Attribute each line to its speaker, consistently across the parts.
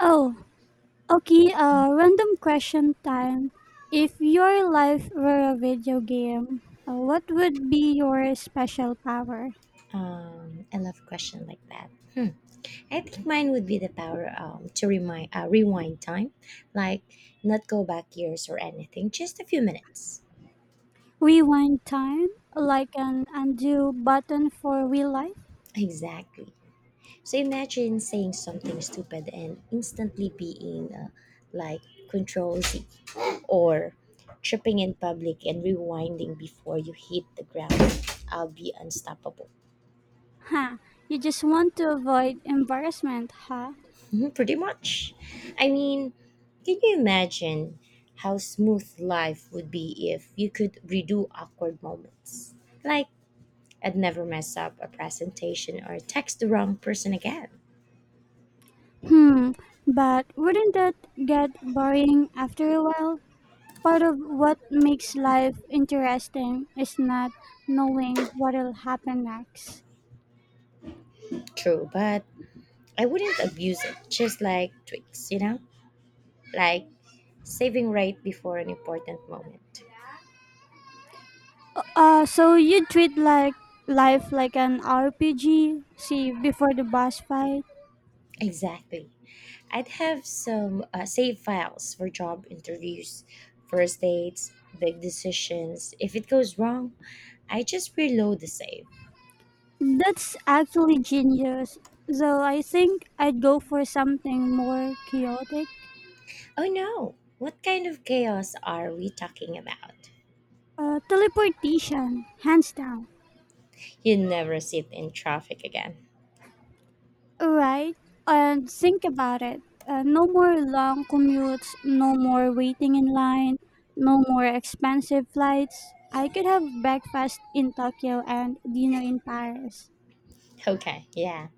Speaker 1: Oh, okay, Random question time. If your life were a video game, what would be your special power?
Speaker 2: I love question like that. Hmm. I think mine would be the power to remind rewind time, like not go back years or anything, just a few minutes.
Speaker 1: Rewind time, like an undo button for real life?
Speaker 2: Exactly. So imagine saying something stupid and instantly being like control Z or tripping in public and rewinding before you hit the ground. I'll be unstoppable.
Speaker 1: Huh, you just want to avoid embarrassment, huh?
Speaker 2: Mhm, pretty much. I mean, can you imagine how smooth life would be if you could redo awkward moments? Like, I'd never mess up a presentation or text the wrong person again.
Speaker 1: Hmm, but wouldn't that get boring after a while? Part of what makes life interesting is not knowing what'll happen next.
Speaker 2: True, but I wouldn't abuse it, just like tweaks, you know? Like saving right before an important moment.
Speaker 1: So you treat life like an RPG, see, before the boss fight.
Speaker 2: Exactly. I'd have some save files for job interviews, first dates, big decisions. If it goes wrong, I just reload the save.
Speaker 1: That's actually genius. Though I think I'd go for something more chaotic.
Speaker 2: Oh no! What kind of chaos are we talking about?
Speaker 1: Teleportation, hands down.
Speaker 2: You never sit in traffic again.
Speaker 1: Right? And think about it. No more long commutes, no more waiting in line, no more expensive flights. I could have breakfast in Tokyo and dinner in Paris.
Speaker 2: Okay, yeah,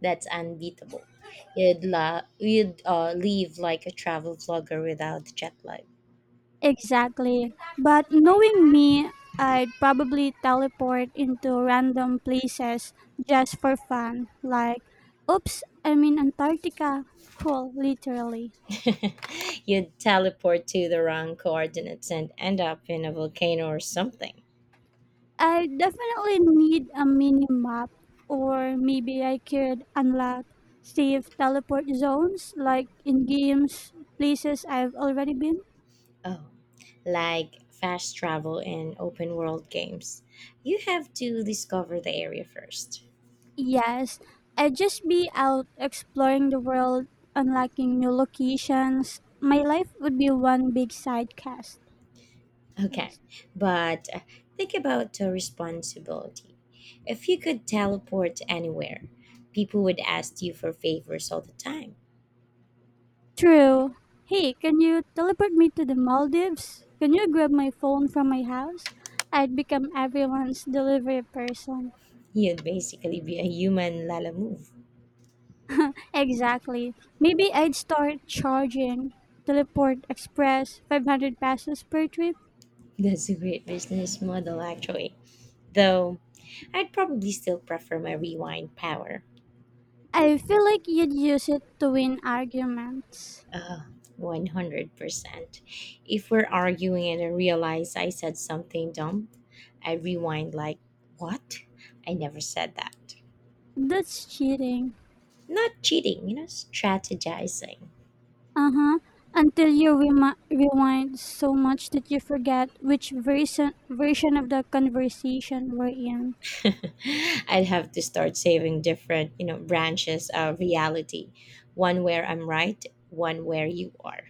Speaker 2: that's unbeatable. You'd leave like a travel vlogger without jet lag.
Speaker 1: Exactly. But knowing me, I'd probably teleport into random places just for fun. Like, oops, I'm in Antarctica. Cool, literally.
Speaker 2: You'd teleport to the wrong coordinates and end up in a volcano or something.
Speaker 1: I definitely need a mini map, or maybe I could unlock safe teleport zones like in games, places I've already been.
Speaker 2: Oh, like fast travel in open world games. You have to discover the area first.
Speaker 1: Yes, I'd just be out exploring the world, unlocking new locations. My life would be one big side cast.
Speaker 2: Okay, but think about the responsibility. If you could teleport anywhere, people would ask you for favors all the time.
Speaker 1: True. Hey, can you teleport me to the Maldives? Can you grab my phone from my house? I'd become everyone's delivery person.
Speaker 2: You'd basically be a human Lala move.
Speaker 1: Exactly. Maybe I'd start charging Teleport Express 500 pesos per trip.
Speaker 2: That's a great business model, actually, though I'd probably still prefer my rewind power.
Speaker 1: I feel like you'd use it to win arguments.
Speaker 2: Uh, 100%. If we're arguing and I realize I said something dumb, I rewind like, what? I never said that.
Speaker 1: That's cheating.
Speaker 2: Not cheating, you know, strategizing.
Speaker 1: Uh-huh. Until you rewind so much that you forget which version of the conversation we're in.
Speaker 2: I'd have to start saving different, you know, branches of reality. One where I'm right, one where you are.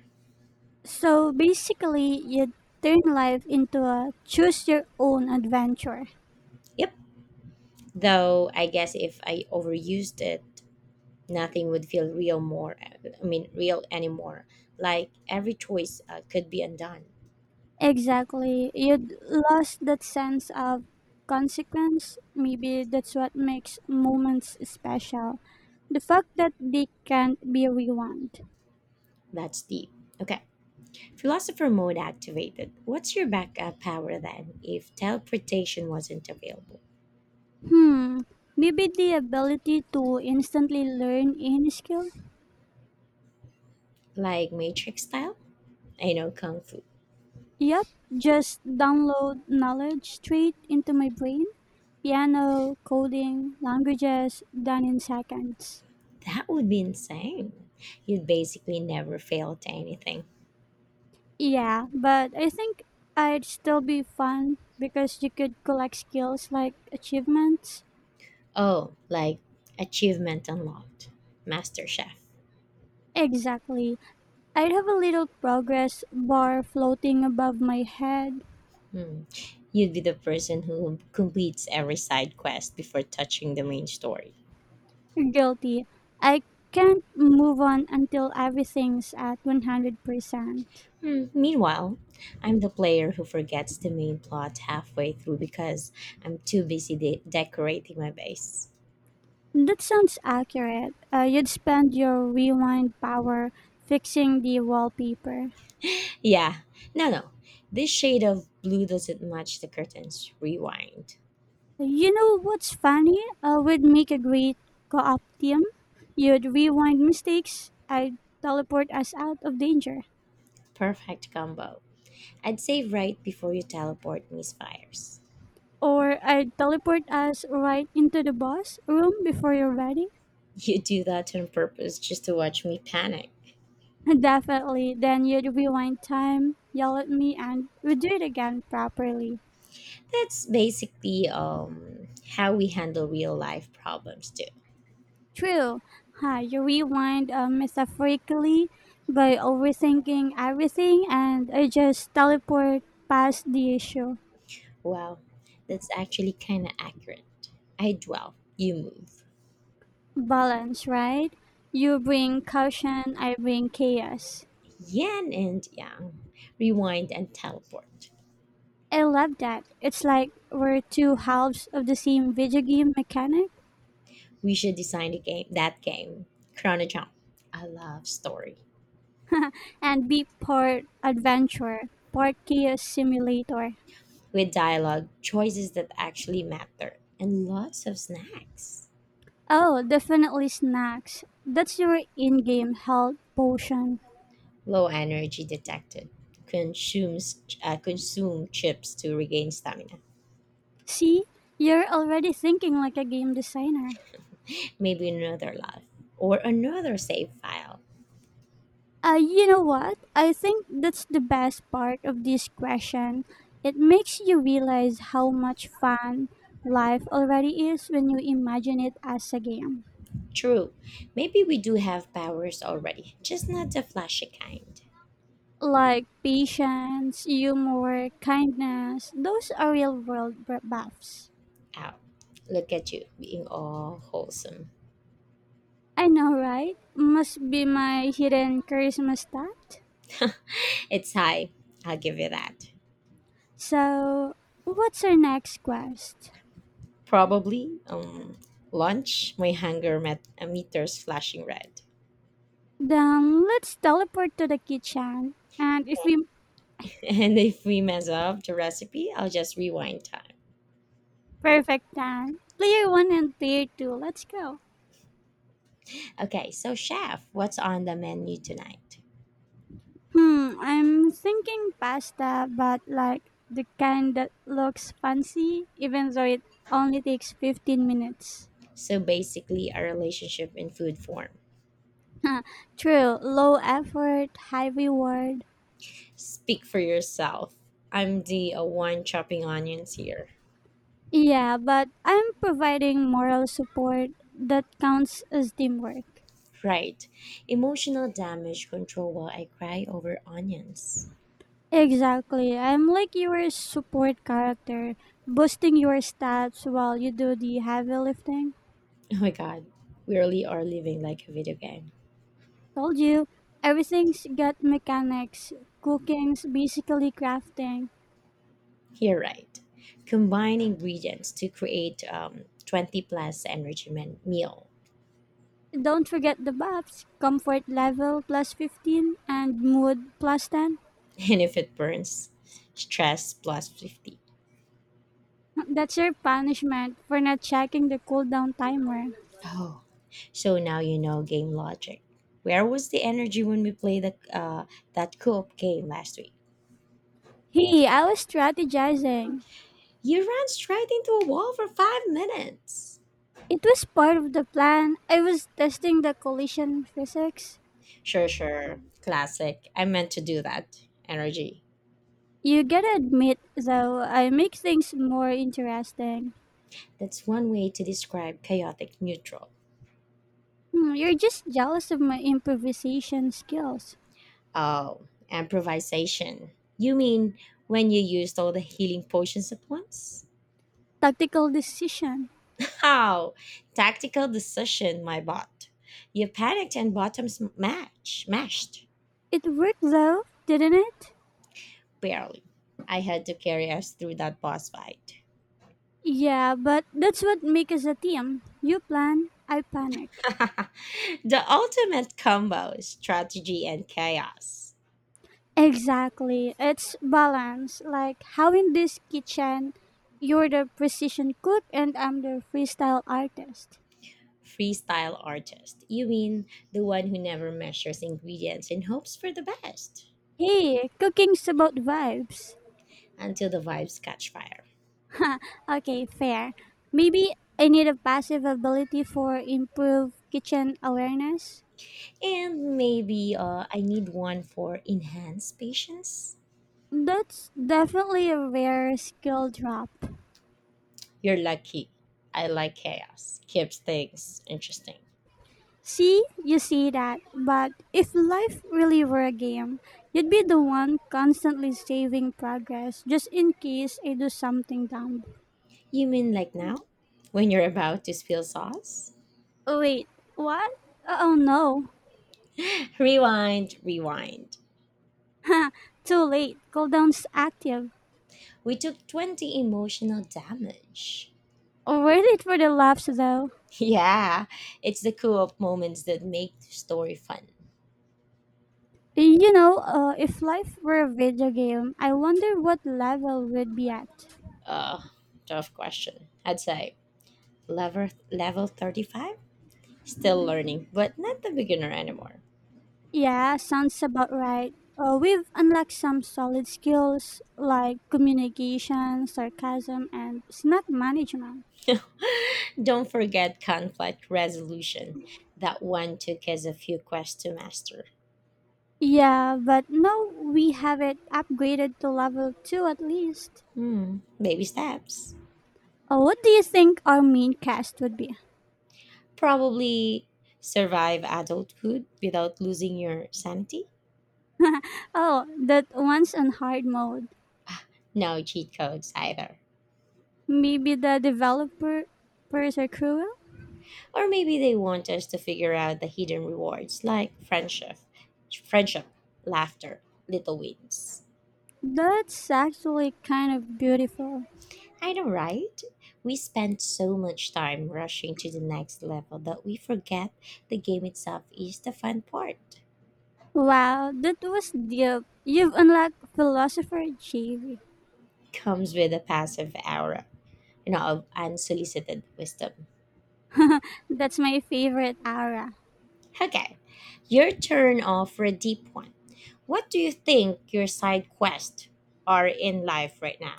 Speaker 1: So basically, you turn life into a choose your own adventure.
Speaker 2: Yep. Though I guess if I overused it, nothing would feel real more, I mean, real anymore, like every choice could be undone.
Speaker 1: Exactly. You'd lost that sense of consequence. Maybe that's what makes moments special. The fact that they can't be rewound.
Speaker 2: That's deep. Okay, philosopher mode activated. What's your backup power then if teleportation wasn't available?
Speaker 1: Hmm. Maybe the ability to instantly learn any skill.
Speaker 2: Like matrix style, I know kung fu.
Speaker 1: Yep, just download knowledge straight into my brain. Piano, coding, languages, done in seconds.
Speaker 2: That would be insane. You'd basically never fail to anything.
Speaker 1: Yeah, but I think I'd still be fun because you could collect skills like achievements.
Speaker 2: Oh, like achievement unlocked, master chef.
Speaker 1: Exactly. I'd have a little progress bar floating above my head.
Speaker 2: Hmm, you'd be the person who completes every side quest before touching the main story.
Speaker 1: Guilty. I can't move on until everything's at 100%.
Speaker 2: Hmm, meanwhile, I'm the player who forgets the main plot halfway through because I'm too busy decorating my base.
Speaker 1: That sounds accurate. You'd spend your rewind power fixing the wallpaper.
Speaker 2: Yeah, no, no. This shade of blue doesn't match the curtains. Rewind.
Speaker 1: You know what's funny? We'd make a great co-op team. You'd rewind mistakes. I'd teleport us out of danger.
Speaker 2: Perfect combo. I'd say right before you teleport me, spires.
Speaker 1: Or I'd teleport us right into the boss room before you're ready.
Speaker 2: You do that on purpose just to watch me panic.
Speaker 1: Definitely. Then you'd rewind time, yell at me, and we'd do it again properly.
Speaker 2: That's basically how we handle real life problems, too.
Speaker 1: True. Huh, you rewind metaphorically by overthinking everything and I just teleport past the issue.
Speaker 2: Wow, that's actually kind of accurate. I dwell, you move.
Speaker 1: Balance, right? You bring caution, I bring chaos.
Speaker 2: Yin and yang. Rewind and teleport.
Speaker 1: I love that. It's like we're two halves of the same video game mechanic
Speaker 2: We should design a game, that game. Chrono Jump. I love story.
Speaker 1: and be part adventurer, part chaos simulator.
Speaker 2: With dialogue, choices that actually matter, and lots of snacks.
Speaker 1: Oh, definitely snacks. That's your in-game health potion.
Speaker 2: Low energy detected. Consume chips to regain stamina.
Speaker 1: See, you're already thinking like a game designer.
Speaker 2: Maybe another life. Or another save file.
Speaker 1: You know what? I think that's the best part of this question. It makes you realize how much fun life already is when you imagine it as a game.
Speaker 2: True. Maybe we do have powers already, just not the flashy kind.
Speaker 1: Like patience, humor, kindness, those are real world buffs.
Speaker 2: Ow. Look at you being all wholesome.
Speaker 1: I know, right? Must be my hidden charisma stat.
Speaker 2: It's high. I'll give you that.
Speaker 1: So, what's our next quest?
Speaker 2: Probably lunch, my meter's flashing red.
Speaker 1: Then let's teleport to the kitchen. And if we
Speaker 2: And if we mess up the recipe, I'll just rewind time.
Speaker 1: perfect time, player one and player two, let's go.
Speaker 2: Okay, so chef, what's on the menu tonight?
Speaker 1: Hmm, I'm thinking pasta, but like the kind that looks fancy, even though it only takes 15 minutes.
Speaker 2: So basically, a relationship in food form.
Speaker 1: Huh, true, low effort, high reward.
Speaker 2: Speak for yourself. I'm the one chopping onions here.
Speaker 1: Yeah, but I'm providing moral support that counts as teamwork.
Speaker 2: Right. Emotional damage control while I cry over onions.
Speaker 1: Exactly. I'm like your support character, boosting your stats while you do the heavy lifting.
Speaker 2: Oh my god, we really are living like a video game.
Speaker 1: Told you, everything's got mechanics, cooking's basically crafting.
Speaker 2: You're right. Combine ingredients to create 20 plus energy meal.
Speaker 1: Don't forget the buffs comfort level plus 15 and mood plus 10.
Speaker 2: And if it burns, stress plus 50.
Speaker 1: That's your punishment for not checking the cooldown timer.
Speaker 2: Oh, so now you know game logic. Where was the energy when we played the, that co-op game last week?
Speaker 1: Hey, I was strategizing.
Speaker 2: You ran straight into a wall for 5 minutes.
Speaker 1: It was part of the plan. I was testing the collision physics.
Speaker 2: Sure, sure. Classic. I meant to do that. Energy.
Speaker 1: You gotta admit, though, I make things more interesting.
Speaker 2: That's one way to describe chaotic neutral.
Speaker 1: Hmm, you're just jealous of my improvisation skills.
Speaker 2: Oh, improvisation. You mean when you used all the healing potions at once?
Speaker 1: Tactical decision.
Speaker 2: How? Tactical decision, my bot. You panicked and bottoms match mashed.
Speaker 1: It worked, though, didn't it?
Speaker 2: Barely. I had to carry us through that boss fight.
Speaker 1: Yeah, but that's what makes us a team. You plan, I panic.
Speaker 2: The ultimate combo, strategy and chaos.
Speaker 1: Exactly. It's balance. Like how in this kitchen, you're the precision cook and I'm the freestyle artist.
Speaker 2: Freestyle artist. You mean the one who never measures ingredients and hopes for the best
Speaker 1: Hey, cooking's about vibes.
Speaker 2: until the vibes catch fire.
Speaker 1: Okay, fair. Maybe I need a passive ability for improved kitchen awareness.
Speaker 2: And maybe I need one for enhanced patience.
Speaker 1: That's definitely a rare skill drop.
Speaker 2: You're lucky. I like chaos. Keeps things interesting.
Speaker 1: See, you see that, but if life really were a game, you'd be the one constantly saving progress just in case I do something dumb.
Speaker 2: You mean like now? When you're about to spill sauce?
Speaker 1: Oh, wait, what? Oh no,
Speaker 2: Rewind, rewind.
Speaker 1: too late. Cooldown's active.
Speaker 2: We took 20 emotional damage.
Speaker 1: Worth it for the laughs though.
Speaker 2: Yeah, it's the co op moments that make the story fun.
Speaker 1: You know, if life were a video game, I wonder what level we'd be at.
Speaker 2: Uh, tough question. I'd say level 35? Still learning, but not the beginner anymore.
Speaker 1: Yeah, sounds about right. We've unlocked some solid skills like communication, sarcasm, and snack management.
Speaker 2: Don't forget conflict resolution. That one took us a few quests to master.
Speaker 1: Yeah, but no, we have it upgraded to level 2 at least.
Speaker 2: Hmm, baby steps.
Speaker 1: What do you think our main cast would be?
Speaker 2: Probably survive adulthood without losing your sanity.
Speaker 1: Oh, that one's on hard mode.
Speaker 2: No cheat codes either.
Speaker 1: Maybe the developers are cruel?
Speaker 2: Or maybe they want us to figure out the hidden rewards like friendship, laughter, little wins.
Speaker 1: That's actually kind of beautiful.
Speaker 2: I know, right? We spend so much time rushing to the next level that we forget the game itself is the fun part.
Speaker 1: Wow, that was deep. You've unlocked philosopher JV.
Speaker 2: Comes with a passive aura, you know, of unsolicited wisdom.
Speaker 1: That's my favorite aura.
Speaker 2: Okay, your turn off for a deep one. What do you think your side quests are in life right now?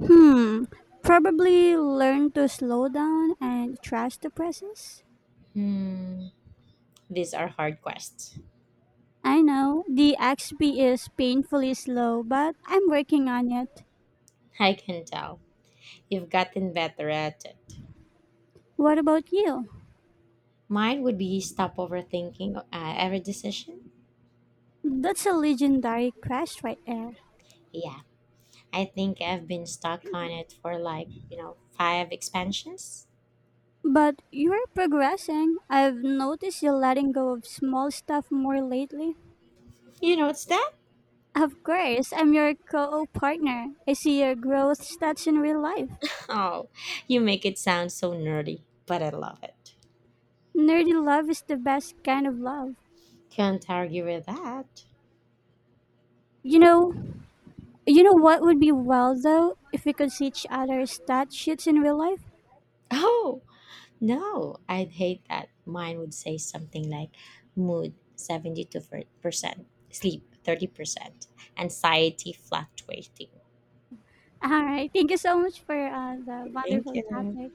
Speaker 1: Hmm, probably learn to slow down and trust the process.
Speaker 2: Hmm, these are hard quests.
Speaker 1: I know the XP is painfully slow, but I'm working on it.
Speaker 2: I can tell. You've gotten better at it.
Speaker 1: What about you?
Speaker 2: Mine would be stop overthinking every decision.
Speaker 1: That's a legendary quest right there.
Speaker 2: Yeah, I think I've been stuck on it for like, you know, five expansions.
Speaker 1: But you're progressing. I've noticed you letting go of small stuff more lately.
Speaker 2: You know, it's that?
Speaker 1: Of course, I'm your co partner. I see your growth stats in real life.
Speaker 2: Oh, you make it sound so nerdy, but I love it.
Speaker 1: Nerdy love is the best kind of love.
Speaker 2: Can't argue with that.
Speaker 1: You know, you know what would be well though if we could see each other's stat sheets in real life.
Speaker 2: Oh, no, I'd hate that. Mine would say something like mood 72%, sleep 30%, anxiety fluctuating.
Speaker 1: All right, thank you so much for the
Speaker 2: Thank
Speaker 1: wonderful
Speaker 2: you.
Speaker 1: topic.